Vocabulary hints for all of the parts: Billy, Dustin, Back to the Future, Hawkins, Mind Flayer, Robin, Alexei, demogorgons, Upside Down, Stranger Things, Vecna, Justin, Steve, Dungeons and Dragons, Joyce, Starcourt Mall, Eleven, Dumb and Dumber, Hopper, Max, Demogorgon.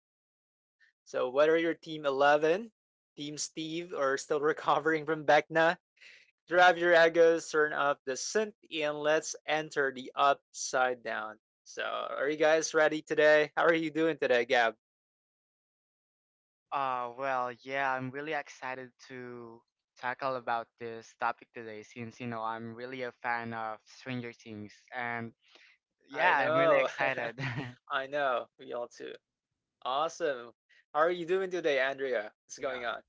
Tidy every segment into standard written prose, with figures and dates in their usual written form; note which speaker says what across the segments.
Speaker 1: Hawkins. So, whether you're Team 11, Team Steve, or still recovering from Vecna, drive your egos, turn up the synth, and let's enter the upside down. So, are you guys ready today? How are you doing today, Gab?
Speaker 2: Well, yeah, I'm really excited to tackle about this topic today since, you know, I'm really a fan of Stranger Things and
Speaker 1: I
Speaker 2: yeah, I'm really
Speaker 1: know.
Speaker 2: excited.
Speaker 1: I know. We all too. Awesome. How are you doing today, Andrea? What's
Speaker 3: Going on?
Speaker 1: going on?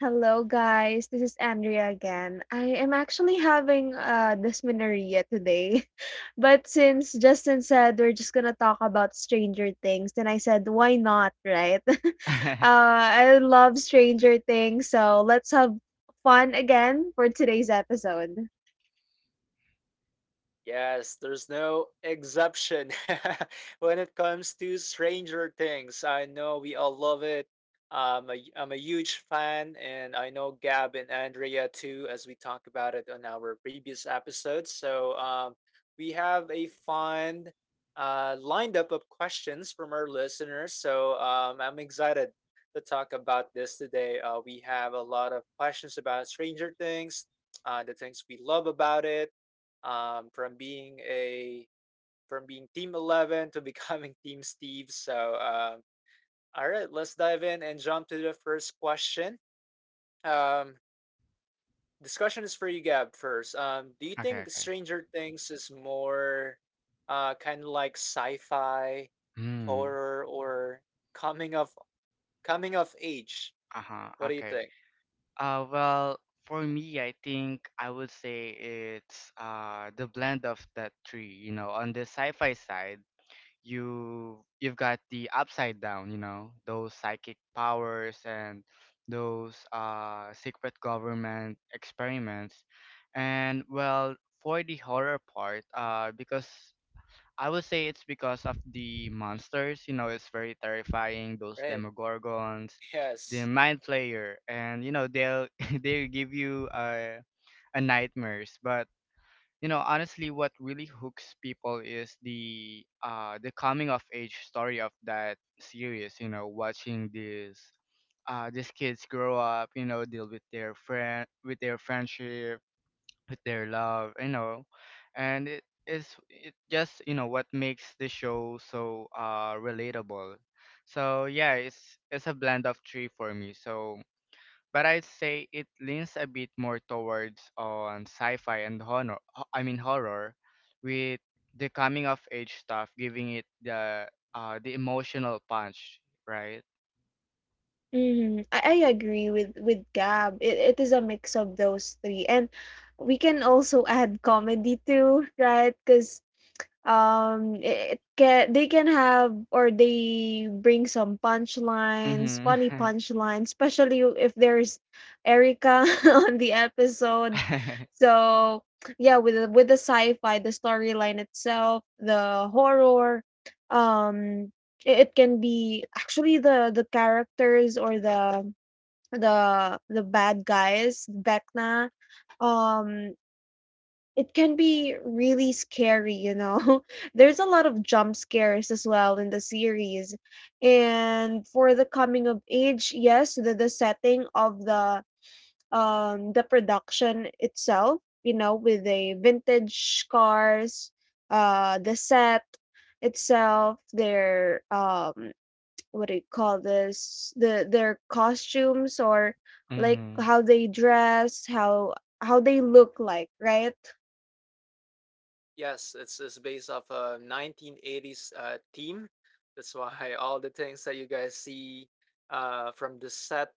Speaker 3: Hello, guys. This is Andrea again. I am actually having dysmenorrhea today. But since Justin said we're just going to talk about Stranger Things, then I said, why not, right? I love Stranger Things. So let's have fun again for today's episode.
Speaker 1: Yes, there's no exception when it comes to Stranger Things. I know we all love it. I'm a huge fan, and I know Gab and Andrea too, as we talked about it on our previous episodes. So we have a fun lined up of questions from our listeners. So I'm excited to talk about this today. We have a lot of questions about Stranger Things, the things we love about it um, from being a from being Team 11 to becoming Team Steve. So, all right, let's dive in and jump to the first question. Um, this question is for you, Gab. First, do you
Speaker 2: Okay,
Speaker 1: think
Speaker 2: okay.
Speaker 1: Stranger Things is more kind of like sci-fi,
Speaker 2: Hmm.
Speaker 1: horror, or coming of coming of age?
Speaker 2: Uh-huh.
Speaker 1: What do you
Speaker 2: Okay.
Speaker 1: think?
Speaker 2: Well, for me, I think I would say it's the blend of that three, you know. On the sci-fi side, you've got the upside down, you know, those psychic powers and those secret government experiments, and well, for the horror part, because I would say it's because of the monsters. You know, it's very terrifying, those
Speaker 1: Right.
Speaker 2: Demogorgons, the
Speaker 1: Yes.
Speaker 2: Mind Flayer, and you know, they'll they'll give you a nightmares. But you know, honestly, what really hooks people is the coming of age story of that series. You know, watching these kids grow up, you know, deal with their friendship, with their love. You know, and it just you know what makes the show so relatable. So yeah, it's a blend of three for me. So but I'd say it leans a bit more towards on sci-fi and honor. Horror, with the coming of age stuff giving it the emotional punch, right?
Speaker 3: Hmm, I agree with Gab. It is a mix of those three. And we can also add comedy too, right? Because it can they can have or they bring some punchlines, funny
Speaker 2: Mm-hmm.
Speaker 3: punchlines, especially if there's Erica on the episode. So, yeah, with the sci-fi, the storyline itself, the horror, um, it can be actually the characters or the the bad guys, Vecna. Um, it can be really scary, you know. There's a lot of jump scares as well in the series. And for the coming of age, yes, the setting of the production itself, you know, with the vintage cars, the set itself, their what do you call this? Their costumes or like
Speaker 2: mm-hmm.
Speaker 3: how they dress, how they look like, right?
Speaker 1: Yes, it's based off a 1980s theme. That's why all the things that you guys see from the set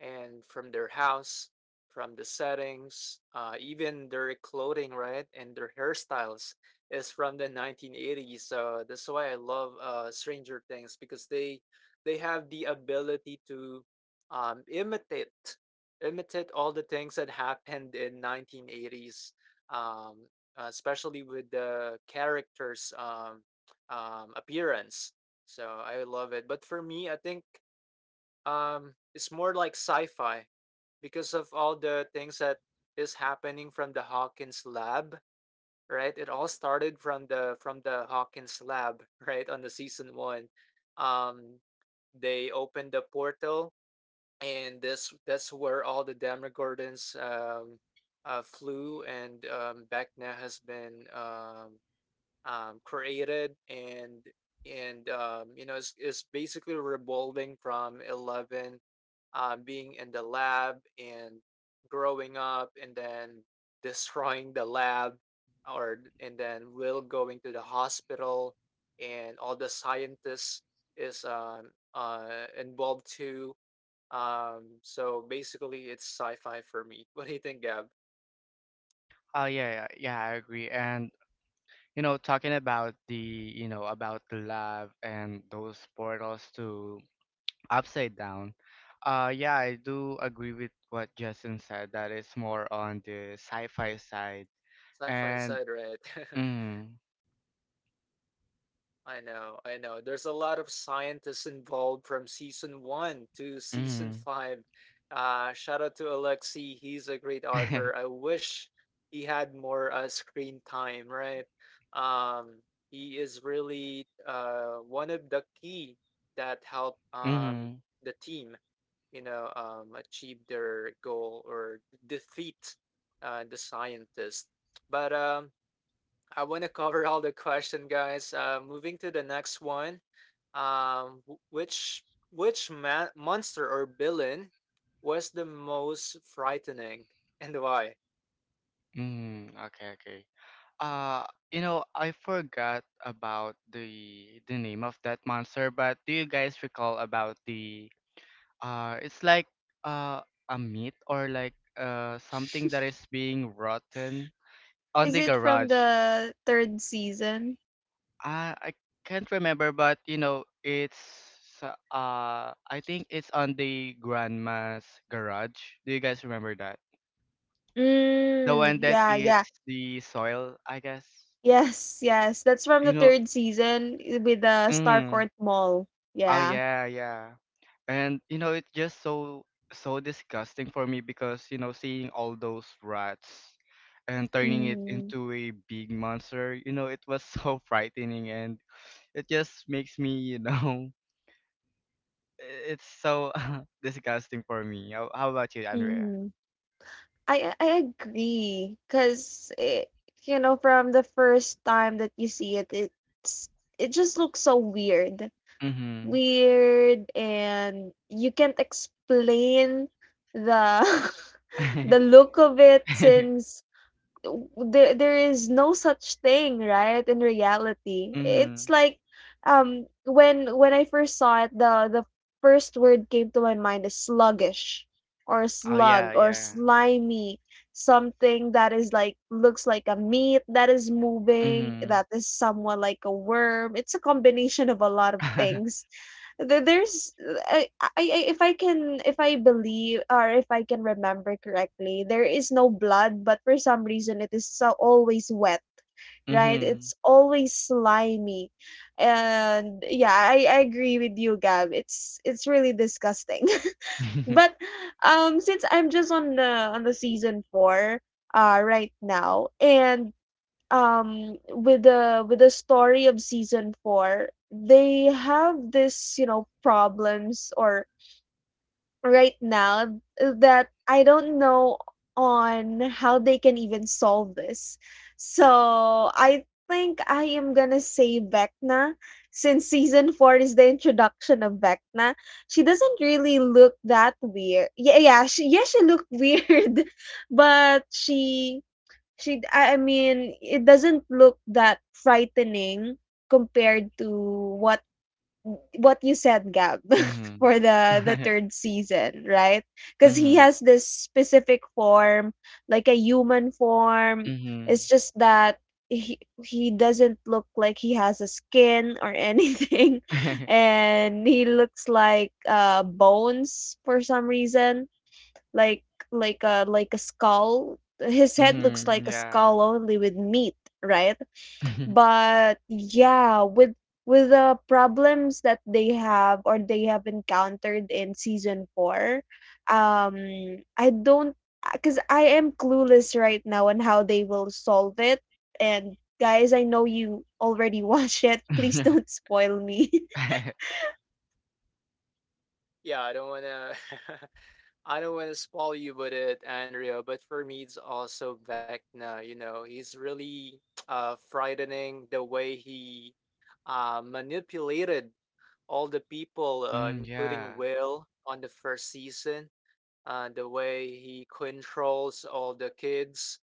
Speaker 1: and from their house, from the settings, even their clothing, right, and their hairstyles is from the 1980s. So that's why I love Stranger Things because they have the ability to um, imitate imitate all the things that happened in 1980s. Um, especially with the characters' appearance. So I love it. But for me, I think it's more like sci-fi because of all the things that is happening from the Hawkins lab, right? It all started from the Hawkins lab, right? On the season one, um, they opened the portal, and this that's where all the Demogorgons flew, and Vecna has been created and you know is basically revolving from 11 being in the lab and growing up and then destroying the lab or and then will going to the hospital and all the scientists is involved too. So basically it's sci-fi for me. What do you think, Gab?
Speaker 2: Oh yeah, yeah, yeah, I agree. And you know, talking about the you know about the love and those portals to upside down. Yeah, I do agree with what Justin said. That is more on the sci-fi side,
Speaker 1: Sci-fi
Speaker 2: and
Speaker 1: side, right?
Speaker 2: mm,
Speaker 1: I know, I know. There's a lot of scientists involved from season one to season
Speaker 2: mm,
Speaker 1: five. Shout out to Alexei. He's a great author. I wish he had more screen time, right? Um, he is really one of the key that help
Speaker 2: mm,
Speaker 1: the team, you know, achieve their goal or defeat the scientist. But I want to cover all the question, guys. Moving to the next one. Um, wh- which which man, monster or villain was the most frightening and why?
Speaker 2: mm. Okay, okay. You know, I forgot about the name of that monster, but do you guys recall about the? It's like uh a meat or like something that is being rotten on
Speaker 3: Is
Speaker 2: the
Speaker 3: it from
Speaker 2: garage.
Speaker 3: the 3rd season?
Speaker 2: I can't remember, but you know, it's I think it's on the grandma's garage. Do you guys remember that? The
Speaker 3: Mm,
Speaker 2: one that
Speaker 3: yeah, yeah.
Speaker 2: eats the soil, I guess.
Speaker 3: Yes, yes, that's from the
Speaker 2: You know,
Speaker 3: 3rd season with the
Speaker 2: mm,
Speaker 3: Starcourt Mall.
Speaker 2: oh
Speaker 3: Yeah.
Speaker 2: yeah, yeah. And you know, it's just so disgusting for me because you know, seeing all those rats and turning it
Speaker 3: Mhm,
Speaker 2: into a big monster, you know, it was so frightening, and it just makes me, you know, it's so disgusting for me. How about you, Andrea?
Speaker 3: mhm. I agree, 'cause it you know, from the first time that you see it, it just looks so weird.
Speaker 2: Mm-hmm.
Speaker 3: Weird, and you can't explain the the look of it since there is no such thing, right? In reality,
Speaker 2: mm-hmm.
Speaker 3: it's like when I first saw it, the first word came to my mind is sluggish or
Speaker 2: Oh yeah,
Speaker 3: slug or
Speaker 2: yeah.
Speaker 3: slimy, something that is like looks like a meat that is moving,
Speaker 2: Mm-hmm.
Speaker 3: that is somewhat like a worm. It's a combination of a lot of things. Th there's I if I can, if I believe, or if I can remember correctly, there is no blood, but for some reason it is so always wet, right?
Speaker 2: mm-hmm.
Speaker 3: It's always slimy. And yeah, I agree with you, Gab. It's really disgusting. But since I'm just on the season four right now. And with the story of season 4, they have this, you know, problems or right now that I don't know on how they can even solve this. So I think I am gonna say Vecna, since season 4 is the introduction of Vecna. She doesn't really look that weird. Yeah, yeah, she, yeah, she looked weird, but she I mean, it doesn't look that frightening compared to what what you said, Gab,
Speaker 2: mm-hmm.
Speaker 3: for the third season, right? Because he
Speaker 2: mm-hmm.
Speaker 3: has this specific form, like a human form.
Speaker 2: Mm-hmm.
Speaker 3: It's just that he he doesn't look like he has a skin or anything, and he looks like bones for some reason, like like a skull. His head looks
Speaker 2: mm-hmm.
Speaker 3: like a
Speaker 2: Yeah.
Speaker 3: skull only with meat, right? But yeah, with the problems that they have or they have encountered in season 4, um I don't, cuz I am clueless right now on how they will solve it. And guys, I know you already watched it. Please don't spoil me.
Speaker 1: Yeah, I don't wanna, I don't wanna spoil you with it, Andrea. But for me, it's also Vecna. You know, he's really frightening the way he manipulated all the people,
Speaker 2: mm,
Speaker 1: including
Speaker 2: yeah.
Speaker 1: Will on the first season, the way he controls all the kids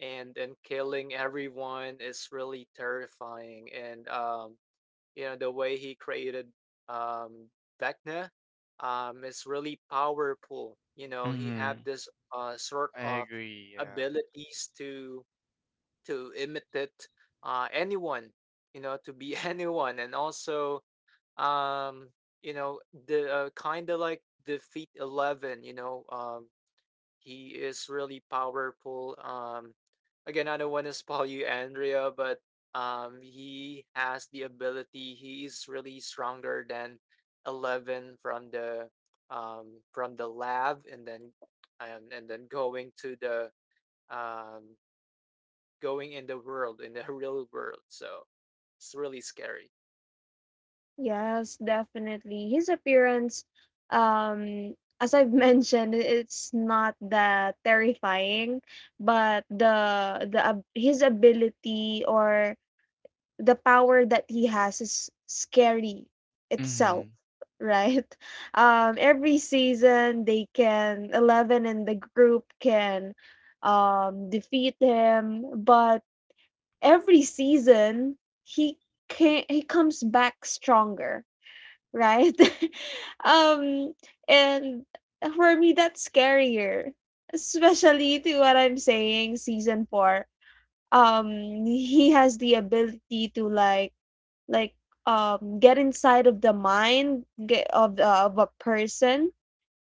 Speaker 1: and killing everyone is really terrifying, and you know the way he created um Vecna is really powerful. You know, he
Speaker 2: Mm-hmm.
Speaker 1: had this sort
Speaker 2: I
Speaker 1: of
Speaker 2: agree. Yeah.
Speaker 1: abilities to imitate anyone, you know, to be anyone, and also, um you know, the kind of like defeat 11. You know, he is really powerful. Again, I don't want to spoil you, Andrea, but he has the ability. He is really stronger than 11 from the lab, and then going to the um, going in the world, in the real world. So it's really scary.
Speaker 3: Yes, definitely. His appearance, um, as I've mentioned, it's not that terrifying, but the his ability or the power that he has is scary
Speaker 2: Mm-hmm.
Speaker 3: itself, right? Every season they can 11 in the group can defeat him, but every season he can he comes back stronger, right? Um, and for me, that's scarier, especially to what I'm saying. Season four, um, he has the ability to like, get inside of the mind of a person.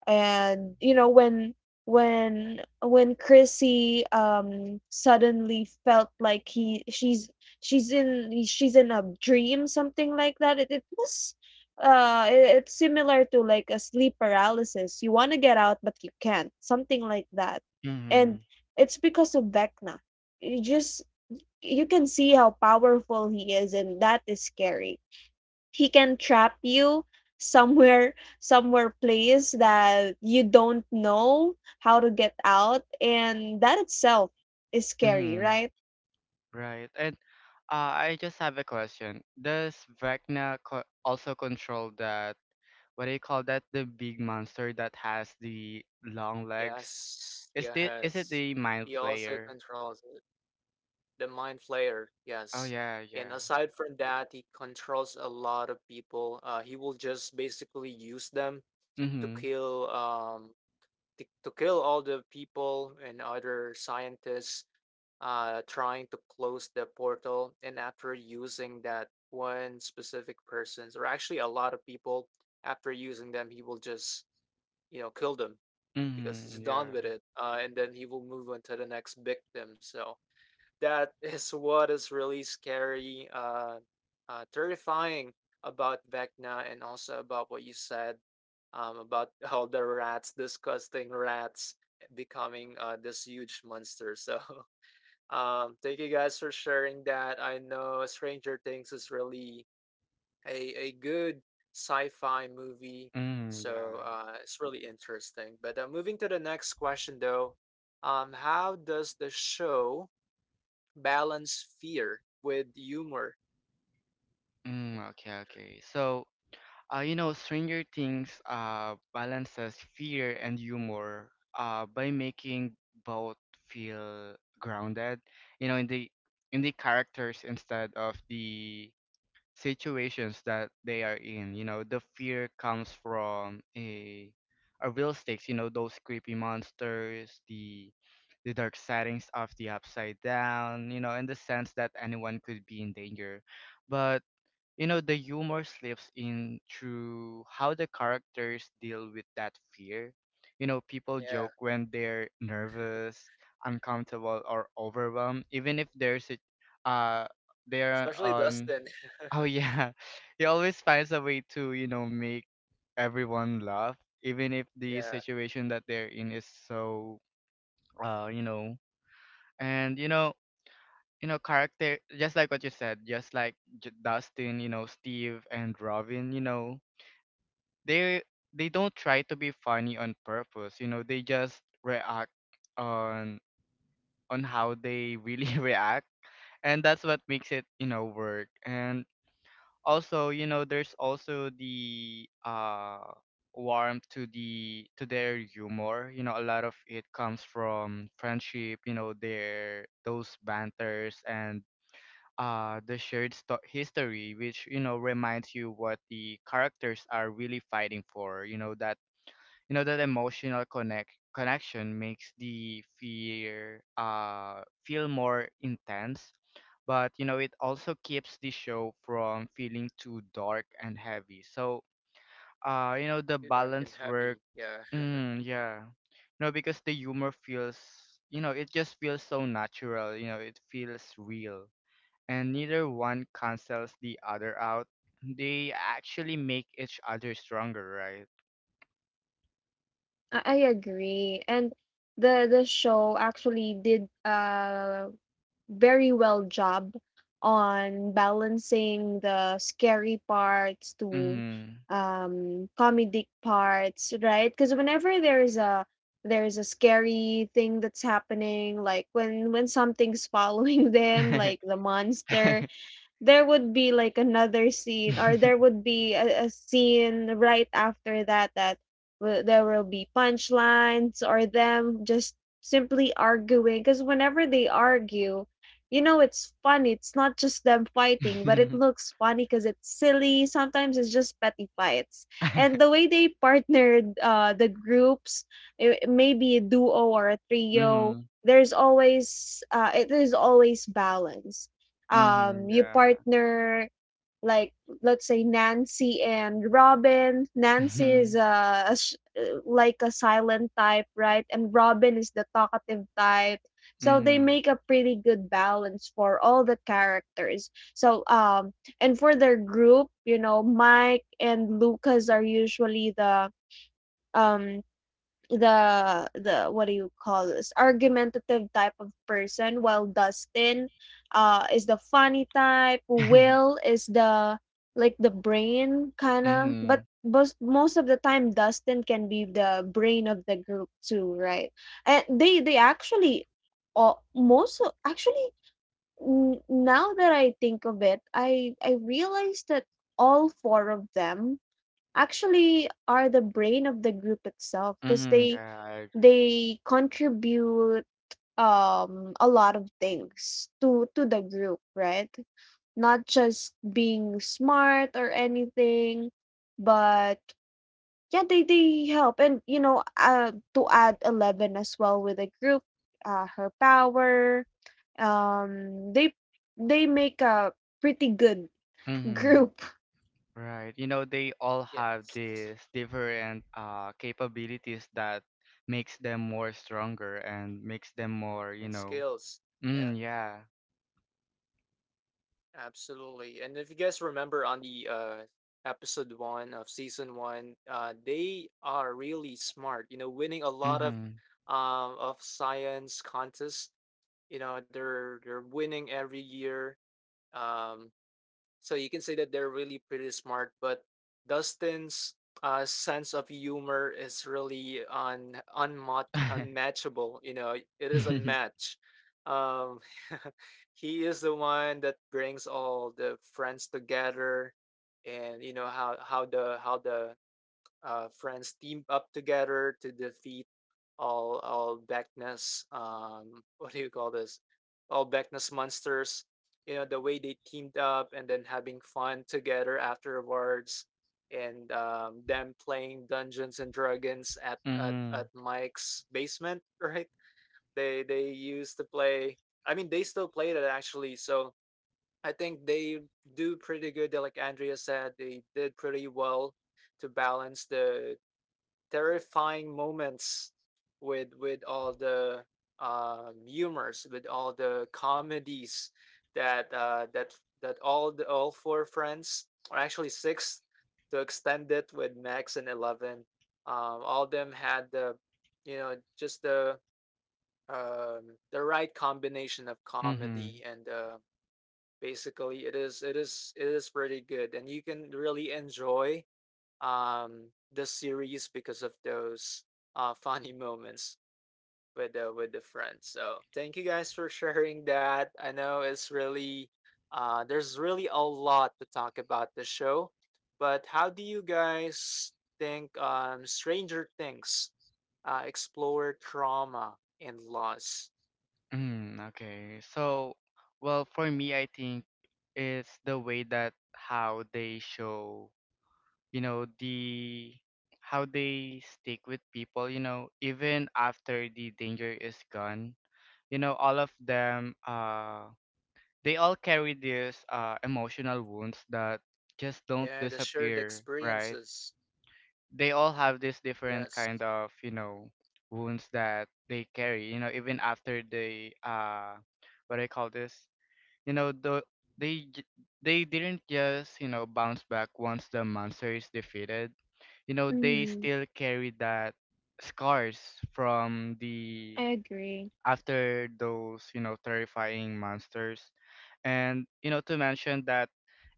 Speaker 3: And you know when when Chrissy suddenly felt like he she's she's in a dream, something like that. It was it's similar to like a sleep paralysis. You want to get out but you can't, something like that. And it's because of Vecna. You just, you can see how powerful he is, and that is scary. He can trap you somewhere, somewhere place that you don't know how to get out, and that itself is scary,
Speaker 2: Mm-hmm.
Speaker 3: right?
Speaker 2: Right. And I just have a question. Does Vecna co also control that, what do you call that, the big monster that has the long legs?
Speaker 1: Yes,
Speaker 2: Is the is it
Speaker 1: yes.
Speaker 2: the Mind
Speaker 1: He also
Speaker 2: Flayer?
Speaker 1: controls it. The Mind Flayer,
Speaker 2: Oh
Speaker 1: yes.
Speaker 2: yeah,
Speaker 1: And
Speaker 2: yeah.
Speaker 1: aside from that, he controls a lot of people. He will just basically use them to
Speaker 2: Mm-hmm.
Speaker 1: kill to kill all the people and other scientists trying to close the portal. And after using that one specific person's, or actually a lot of people, after using them, he will just, you know, kill them because he's
Speaker 2: Mm-hmm. Yeah.
Speaker 1: done with it, and then he will move on to the next victim. So that is what is really scary, terrifying about Vecna, and also about what you said about all the rats, disgusting rats, becoming this huge monster. So, thank you guys for sharing that. I know Stranger Things is really a good sci fi movie.
Speaker 2: Mm,
Speaker 1: So
Speaker 2: yeah.
Speaker 1: it's really interesting. But moving to the next question, though, how does the show balance fear with humor?
Speaker 2: Mm, okay, okay. So you know, Stranger Things balances fear and humor by making both feel grounded, you know, in the characters instead of the situations that they are in. You know, the fear comes from a real stakes. You know, those creepy monsters, the dark settings of the upside down. You know, and the sense that anyone could be in danger. But you know, the humor slips in through how the characters deal with that fear. You know, people
Speaker 1: Yeah,
Speaker 2: joke when they're nervous, uncomfortable, or overwhelmed, even if there's a uh they're
Speaker 1: especially
Speaker 2: on
Speaker 1: Dustin.
Speaker 2: Oh yeah, he always finds a way to, you know, make everyone laugh, even if the
Speaker 1: Yeah,
Speaker 2: situation that they're in is so you know. And you know, character just like what you said, just like Dustin, you know, Steve and Robin, you know, they they don't try to be funny on purpose. You know, they just react on on how they really react, and that's what makes it, you know, work. And also, you know, there's also the warmth to their humor. You know, a lot of it comes from friendship. You know, their those banters and the shared history, which, you know, reminds you what the characters are really fighting for. You know that you know that emotional connection makes the fear feel more intense. But you know, it also keeps the show from feeling too dark and heavy. So you know, the
Speaker 1: too dark and
Speaker 2: balance work.
Speaker 1: heavy. Yeah.
Speaker 2: Mm, yeah, you know, because the humor feels, you know, it just feels so natural. You know, it feels real, and neither one cancels the other out. They actually make each other stronger, right?
Speaker 3: I agree. And the show actually did a very well job on balancing the scary parts to
Speaker 2: Mm-hmm.
Speaker 3: comedic parts, right? Because whenever there is a scary thing that's happening, like when something's following them, like the monster, there would be like another scene, or there would be a scene right after that, that will there will be punchlines or them just simply arguing. Because whenever they argue, you know, it's funny, it's not just them fighting, but it looks funny because it's silly. Sometimes it's just petty fights. And the way they partnered the groups, it, maybe a duo or a
Speaker 2: mm-hmm.
Speaker 3: trio,
Speaker 2: Mm-hmm.
Speaker 3: there's always it is always balance. Um, you
Speaker 2: Yeah.
Speaker 3: partner, like let's say Nancy and Robin. Nancy
Speaker 2: Mm-hmm.
Speaker 3: is a, like a silent type, right? And Robin is the talkative type. So they
Speaker 2: Mm-hmm.
Speaker 3: make a pretty good balance for all the characters. So um, and for their group, you know, Mike and Lucas are usually um the what do you call this, argumentative type of person, while Dustin is the funny type. Will is the like the brain kind
Speaker 2: mm-hmm.
Speaker 3: of,
Speaker 2: Mm-hmm.
Speaker 3: but most of the time Dustin can be the brain of the group too, right? And they actually actually, now that I think of it, I realized that all four of them actually are the brain of the group itself, because
Speaker 2: Yeah, I agree.
Speaker 3: they contribute a lot of things to the group, right? Not just being smart or anything, but yeah, they help. And you know, to add 11 as well with the group, her power, um they they make a pretty good
Speaker 2: Mm-hmm.
Speaker 3: group.
Speaker 2: Right. You know, they all have
Speaker 1: Yes,
Speaker 2: these different capabilities that makes them more stronger and makes them more, you
Speaker 1: and
Speaker 2: know.
Speaker 1: skills. Yeah,
Speaker 2: Mm, yeah.
Speaker 1: absolutely. And if you guys remember on the episode one of season one, they are really smart. You know, winning a lot of
Speaker 2: Mm-hmm.
Speaker 1: science contests. You know, they're winning every year. Um, So you can say that they're really pretty smart, but Dustin's sense of humor is really un unmatch unmatchable. You know, it is unmatched. Um, he is the one that brings all the friends together, and you know how the friends team up together to defeat all Beckness what do you call this? All Beckness monsters, you know, the way they teamed up and then having fun together afterwards, and them playing Dungeons and Dragons at
Speaker 2: Mhm.
Speaker 1: Mike's basement, right? They used to play. I mean, they still played it actually, so I think they do pretty good. Like Andrea said, they did pretty well to balance the terrifying moments with all the humors, with all the comedies that uh, that that all the all four friends, or actually six, to extend it with Max and 11. All them had the, you know, just the right combination of comedy
Speaker 2: Mhm.
Speaker 1: and, basically, it is pretty good, and you can really enjoy the series because of those funny moments with the friends. So thank you guys for sharing that. I know it's really, there's really a lot to talk about the show. But how do you guys think stranger things explore trauma and loss?
Speaker 2: Mm, okay. So, well, for me, I think it's the way that how they show, you know, the how they stick with people, you know, even after the danger is gone. You know, all of them they all carry these emotional wounds that just don't
Speaker 1: Yeah, the shared
Speaker 2: disappear, right?
Speaker 1: experiences.
Speaker 2: They all have this different
Speaker 1: Yes.
Speaker 2: kind of, you know, wounds that they carry, you know, even after they what do I call this you know the they j- they didn't just, you know, bounce back once the monster is defeated. You know, they
Speaker 3: Hmm,
Speaker 2: still carry that scars from
Speaker 3: I
Speaker 2: the
Speaker 3: agree.
Speaker 2: after those, you know, terrifying monsters. And you know, to mention that,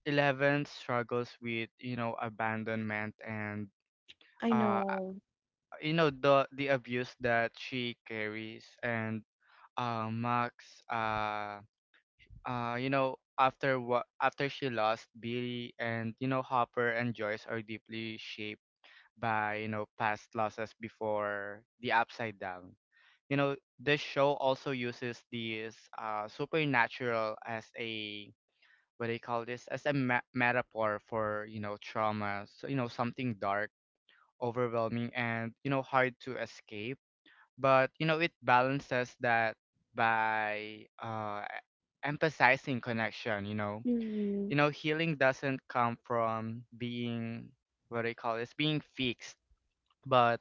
Speaker 2: Eleven struggles with, you know, abandonment and
Speaker 3: I
Speaker 2: uh
Speaker 3: know.
Speaker 2: you know, the abuse that she carries, and Max you know, after what after she lost Billy, and you know, Hopper and Joyce are deeply shaped by, you know, past losses before the upside down. You know, this show also uses these supernatural as a, what do you call this, as a metaphor for, you know, trauma. So you know, something dark, overwhelming, and you know, hard to escape. But you know, it balances that by emphasizing connection. You know,
Speaker 3: Mhm,
Speaker 2: you know, healing doesn't come from being, what do you call this, being fixed, but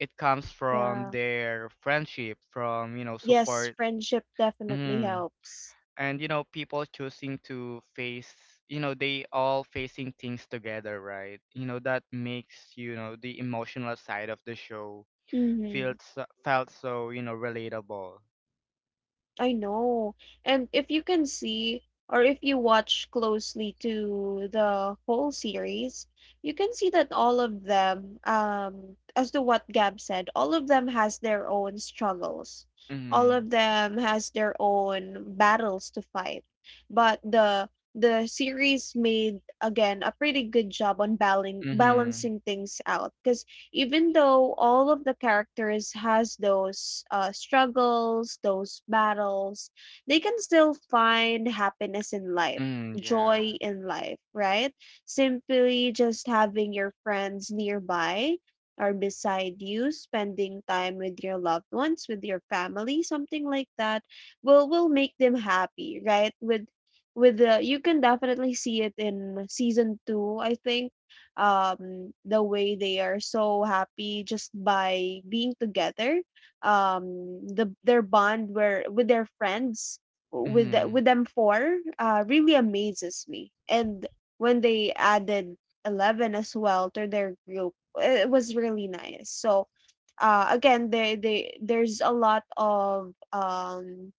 Speaker 2: it comes from
Speaker 3: yeah.
Speaker 2: their friendship, from, you know,
Speaker 3: Yes,
Speaker 2: support.
Speaker 3: friendship definitely
Speaker 2: Mm.
Speaker 3: helps.
Speaker 2: And you know, people choosing to face, you know, they all facing things together, right? You know, that makes, you know, the emotional side of the show
Speaker 3: Mhm.
Speaker 2: feels felt so, you know, relatable.
Speaker 3: I know. And if you can see or if you watch closely to the whole series, you can see that all of them, as to what Gab said, all of them has their own struggles. All
Speaker 2: Mhm.
Speaker 3: of them has their own battles to fight. But the series made again a pretty good job on
Speaker 2: Mhm.
Speaker 3: balancing things out, because even though all of the characters has those struggles, those battles, they can still find happiness in life,
Speaker 2: Mm, yeah.
Speaker 3: joy in life, right? Simply just having your friends nearby or beside you, spending time with your loved ones, with your family, something like that will make them happy, right? With the you can definitely see it in season 2, I think. Um, the way they are so happy just by being together. The their bond where with their friends with the,
Speaker 2: Mhm.
Speaker 3: with them four really amazes me. And when they added Eleven as well to their group, it was really nice. So again, they there's a lot of um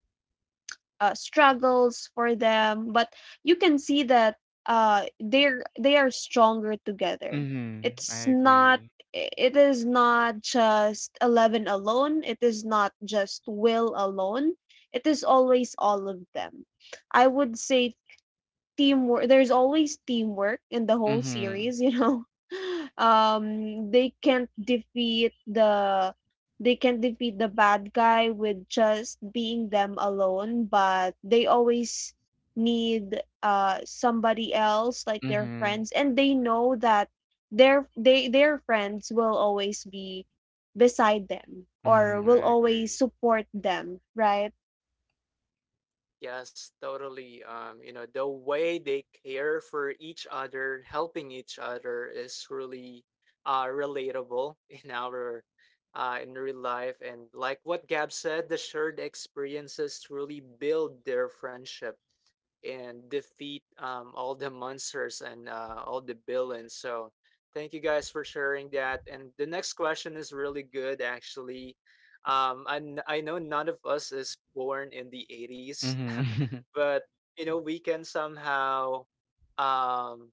Speaker 3: uh, struggles for them, but you can see that uh, they are stronger together.
Speaker 2: Mhm. I
Speaker 3: It's not,
Speaker 2: agree.
Speaker 3: it is not just 11 alone, it is not just Will alone, it is always all of them. I would say teamwork. There's always teamwork in the whole
Speaker 2: Mhm.
Speaker 3: series, you know. Um, they can't defeat the they can't defeat the bad guy with just being them alone, but they always need uh, somebody else like their
Speaker 2: Mhm.
Speaker 3: friends. And they know that their they their friends will always be beside them or
Speaker 2: Mhm.
Speaker 3: will
Speaker 2: I
Speaker 3: always
Speaker 2: agree.
Speaker 3: support them, right?
Speaker 1: Yes, totally. You know, the way they care for each other, helping each other is really relatable in our in real life. And like what Gab said, the shared experiences truly build their friendship and defeat all the monsters and all the villains. So thank you guys for sharing that. And the next question is really good actually. I know none of us is born in the '80s,
Speaker 2: Mhm.
Speaker 1: but you know um,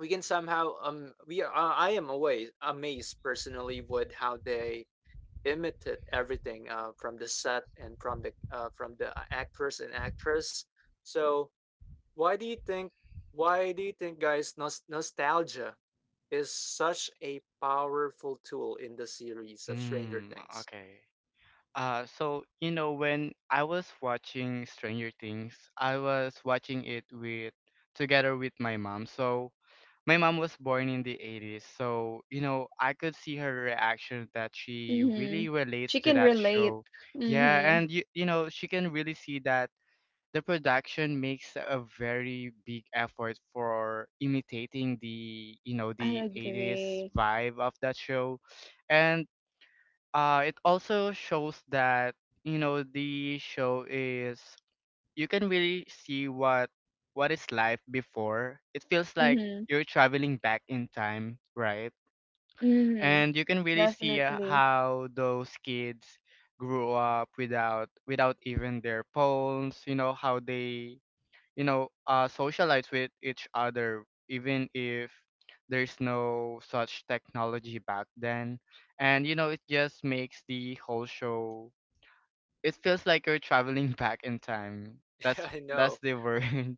Speaker 1: we can somehow we are, I am always amazed personally with how they imitate everything from the set and from the actors and actress. So why do you think why do you think, guys, nostalgia is such a powerful tool in the series of Stranger
Speaker 2: Mm,
Speaker 1: Things?
Speaker 2: okay. So you know, when I was watching Stranger Things, I was watching it with together with my mom. So my mom was born in the '80s, so you know, I could see her reaction that she
Speaker 3: Mhm.
Speaker 2: really relates
Speaker 3: She
Speaker 2: to
Speaker 3: can
Speaker 2: that
Speaker 3: relate.
Speaker 2: show. Yeah,
Speaker 3: Mhm.
Speaker 2: and you know, she can really see that the production makes a very big effort for imitating, the you know,
Speaker 3: I
Speaker 2: the '80s
Speaker 3: agree.
Speaker 2: vibe of that show. And it also shows that, you know, the show is, you can really see what is life before it feels like.
Speaker 3: Mhm,
Speaker 2: You're traveling back in time, right?
Speaker 3: mhm,
Speaker 2: And you can really see
Speaker 3: definitely.
Speaker 2: how those kids grew up without without even their phones. You know how they, you know, socialize with each other, even if there's no such technology back then. And you know, it just makes the whole show, it feels like you're traveling back in time. that's
Speaker 1: I
Speaker 2: that's
Speaker 1: know.
Speaker 2: the word.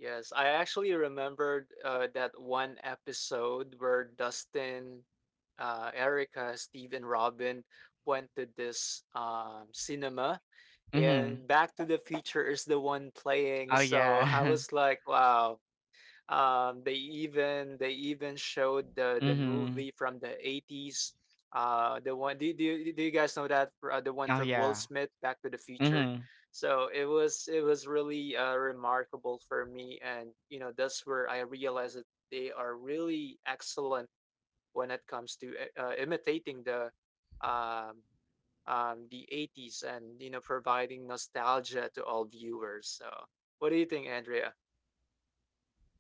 Speaker 1: Yes, I actually remembered that one episode where Dustin, Erica, Steve, and Robin went to this cinema,
Speaker 2: mm-hmm.
Speaker 1: and Back to the Future is the one playing.
Speaker 2: Oh
Speaker 1: So I
Speaker 2: yeah.
Speaker 1: was like, wow, they even showed the
Speaker 2: mm-hmm.
Speaker 1: movie from the 80s. The one, do you, do you guys know that the one
Speaker 2: Oh
Speaker 1: from Will
Speaker 2: yeah.
Speaker 1: Smith, Back to the Future?
Speaker 2: Mm-hmm.
Speaker 1: So it was really remarkable for me, and you know that's where I realized that they are really excellent when it comes to imitating the um, the 80s, and you know providing nostalgia to all viewers. So what do you think, Andrea?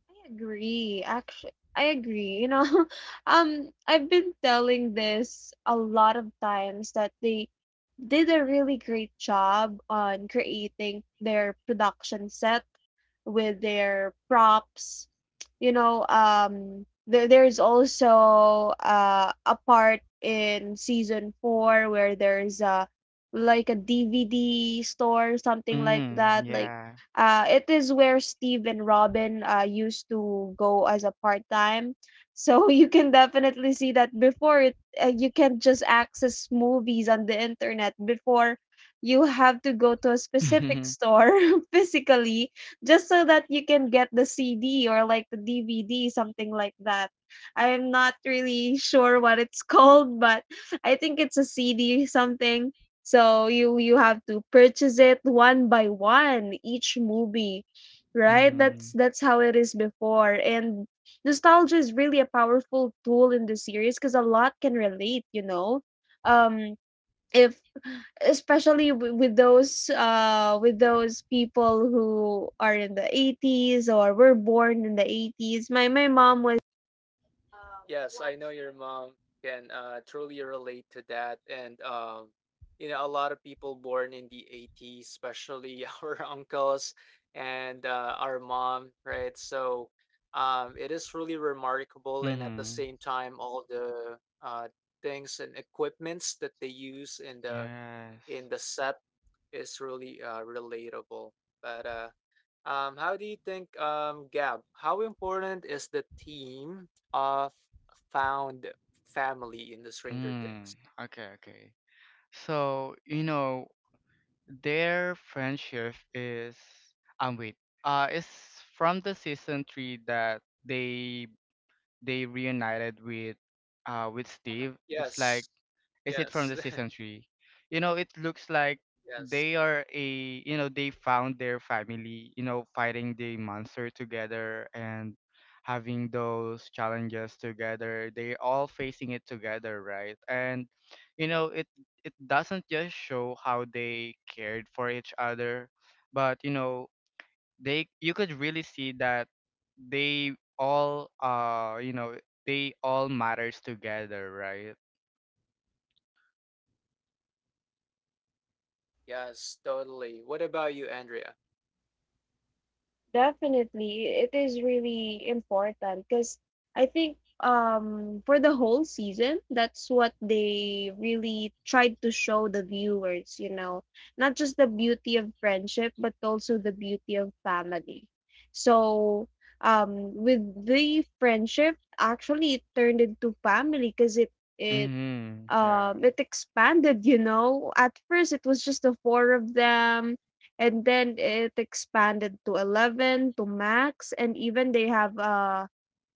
Speaker 3: I agree. Actually, I agree. You know, I've been telling this a lot of times that they did a really great job on creating their production set with their props. You know, there's also a part in season four where there's a like a DVD store, something like
Speaker 2: Mm-hmm.
Speaker 3: that, like
Speaker 2: Yeah.
Speaker 3: it is where Steve and Robin used to go as a part time. So you can definitely see that before it, you can just access movies on the internet. Before, you have to go to a specific
Speaker 2: mm-hmm.
Speaker 3: store physically just so that you can get the CD or like the DVD, something like that. I'm not really sure what it's called, but I think it's a CD something. So you have to purchase it one by one each movie, right? That's how it is before. And nostalgia is really a powerful tool in the series because a lot can relate, you know. Um if Especially with those people who are in the '80s or were born in the '80s, my mom was.
Speaker 1: Yes, I know your mom can truly relate to that. And, you know, a lot of people born in the 80s, especially our uncles and our mom, right? So it is really remarkable. And at the
Speaker 2: Mm-hmm.
Speaker 1: same time, all the things and equipments that they use in the
Speaker 2: Yes.
Speaker 1: set is really relatable. But how do you think, Gab, how important is the theme of found family in the Stranger
Speaker 2: Mm,
Speaker 1: Things?
Speaker 2: okay, okay. So you know, their friendship is, wait. It's from the season three that they reunited with Steve. It's like,
Speaker 1: Yes,
Speaker 2: is it from
Speaker 1: yes,
Speaker 2: the season three? You know, it looks like
Speaker 1: yes,
Speaker 2: they are a, you know, they found their family. You know, fighting the monster together and having those challenges together. They all facing it together, right? And you know, it doesn't just show how they cared for each other, but you know, they you could really see that they all you know, they all matters together, right?
Speaker 1: yes, totally. What about you, Andrea?
Speaker 3: Definitely, it is really important, because I think um, for the whole season, that's what they really tried to show the viewers, you know, not just the beauty of friendship, but also the beauty of family. So, um, with the friendship, actually it turned into family because it
Speaker 2: Mm-hmm.
Speaker 3: um,
Speaker 2: Yeah.
Speaker 3: it expanded. You know, at first it was just the four of them, and then it expanded to 11, to Max, and even they have uh,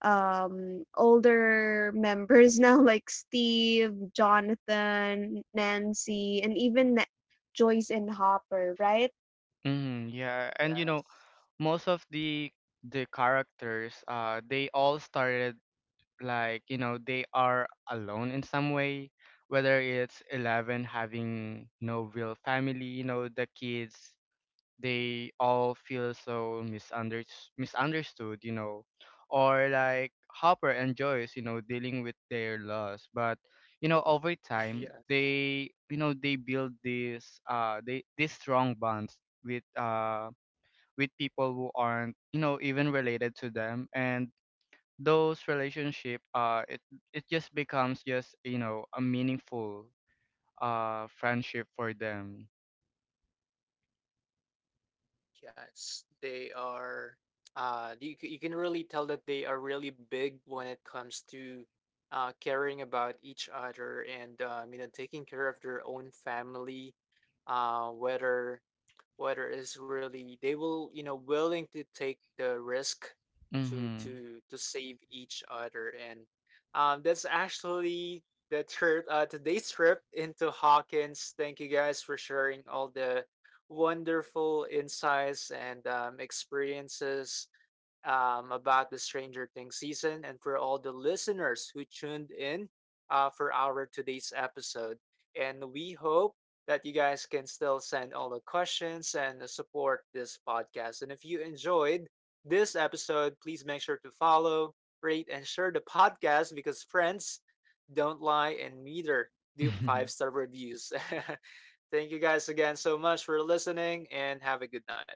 Speaker 3: um, older members now like Steve, Jonathan, Nancy, and even Joyce and Hopper, right?
Speaker 2: Mm, yeah, and you know,
Speaker 1: Yes,
Speaker 2: most of the characters, they all started like, you know, they are alone in some way, whether it's Eleven having no real family. You know, the kids, they all feel so misunderstood, you know, or like Hopper and Joyce, you know, dealing with their loss. But you know, over time,
Speaker 1: yes,
Speaker 2: they, you know, they build this they these strong bonds with people who aren't, you know, even related to them, and those relationship it it just becomes just, you know, a meaningful friendship for them.
Speaker 1: yes. They are, you, you can really tell that they are really big when it comes to caring about each other, and, you know, taking care of their own family, uh, whether whether it's really they will you know willing to take the risk to
Speaker 2: Mhm.
Speaker 1: save each other. And that's actually the trip, today's trip into Hawkins. Thank you guys for sharing all the wonderful insights and experiences about the Stranger Things season, and for all the listeners who tuned in for our today's episode. And we hope that you guys can still send all the questions and support this podcast. And if you enjoyed this episode, please make sure to follow, rate, and share the podcast because friends don't lie and neither do five star reviews. Thank you guys again so much for listening and have a good night.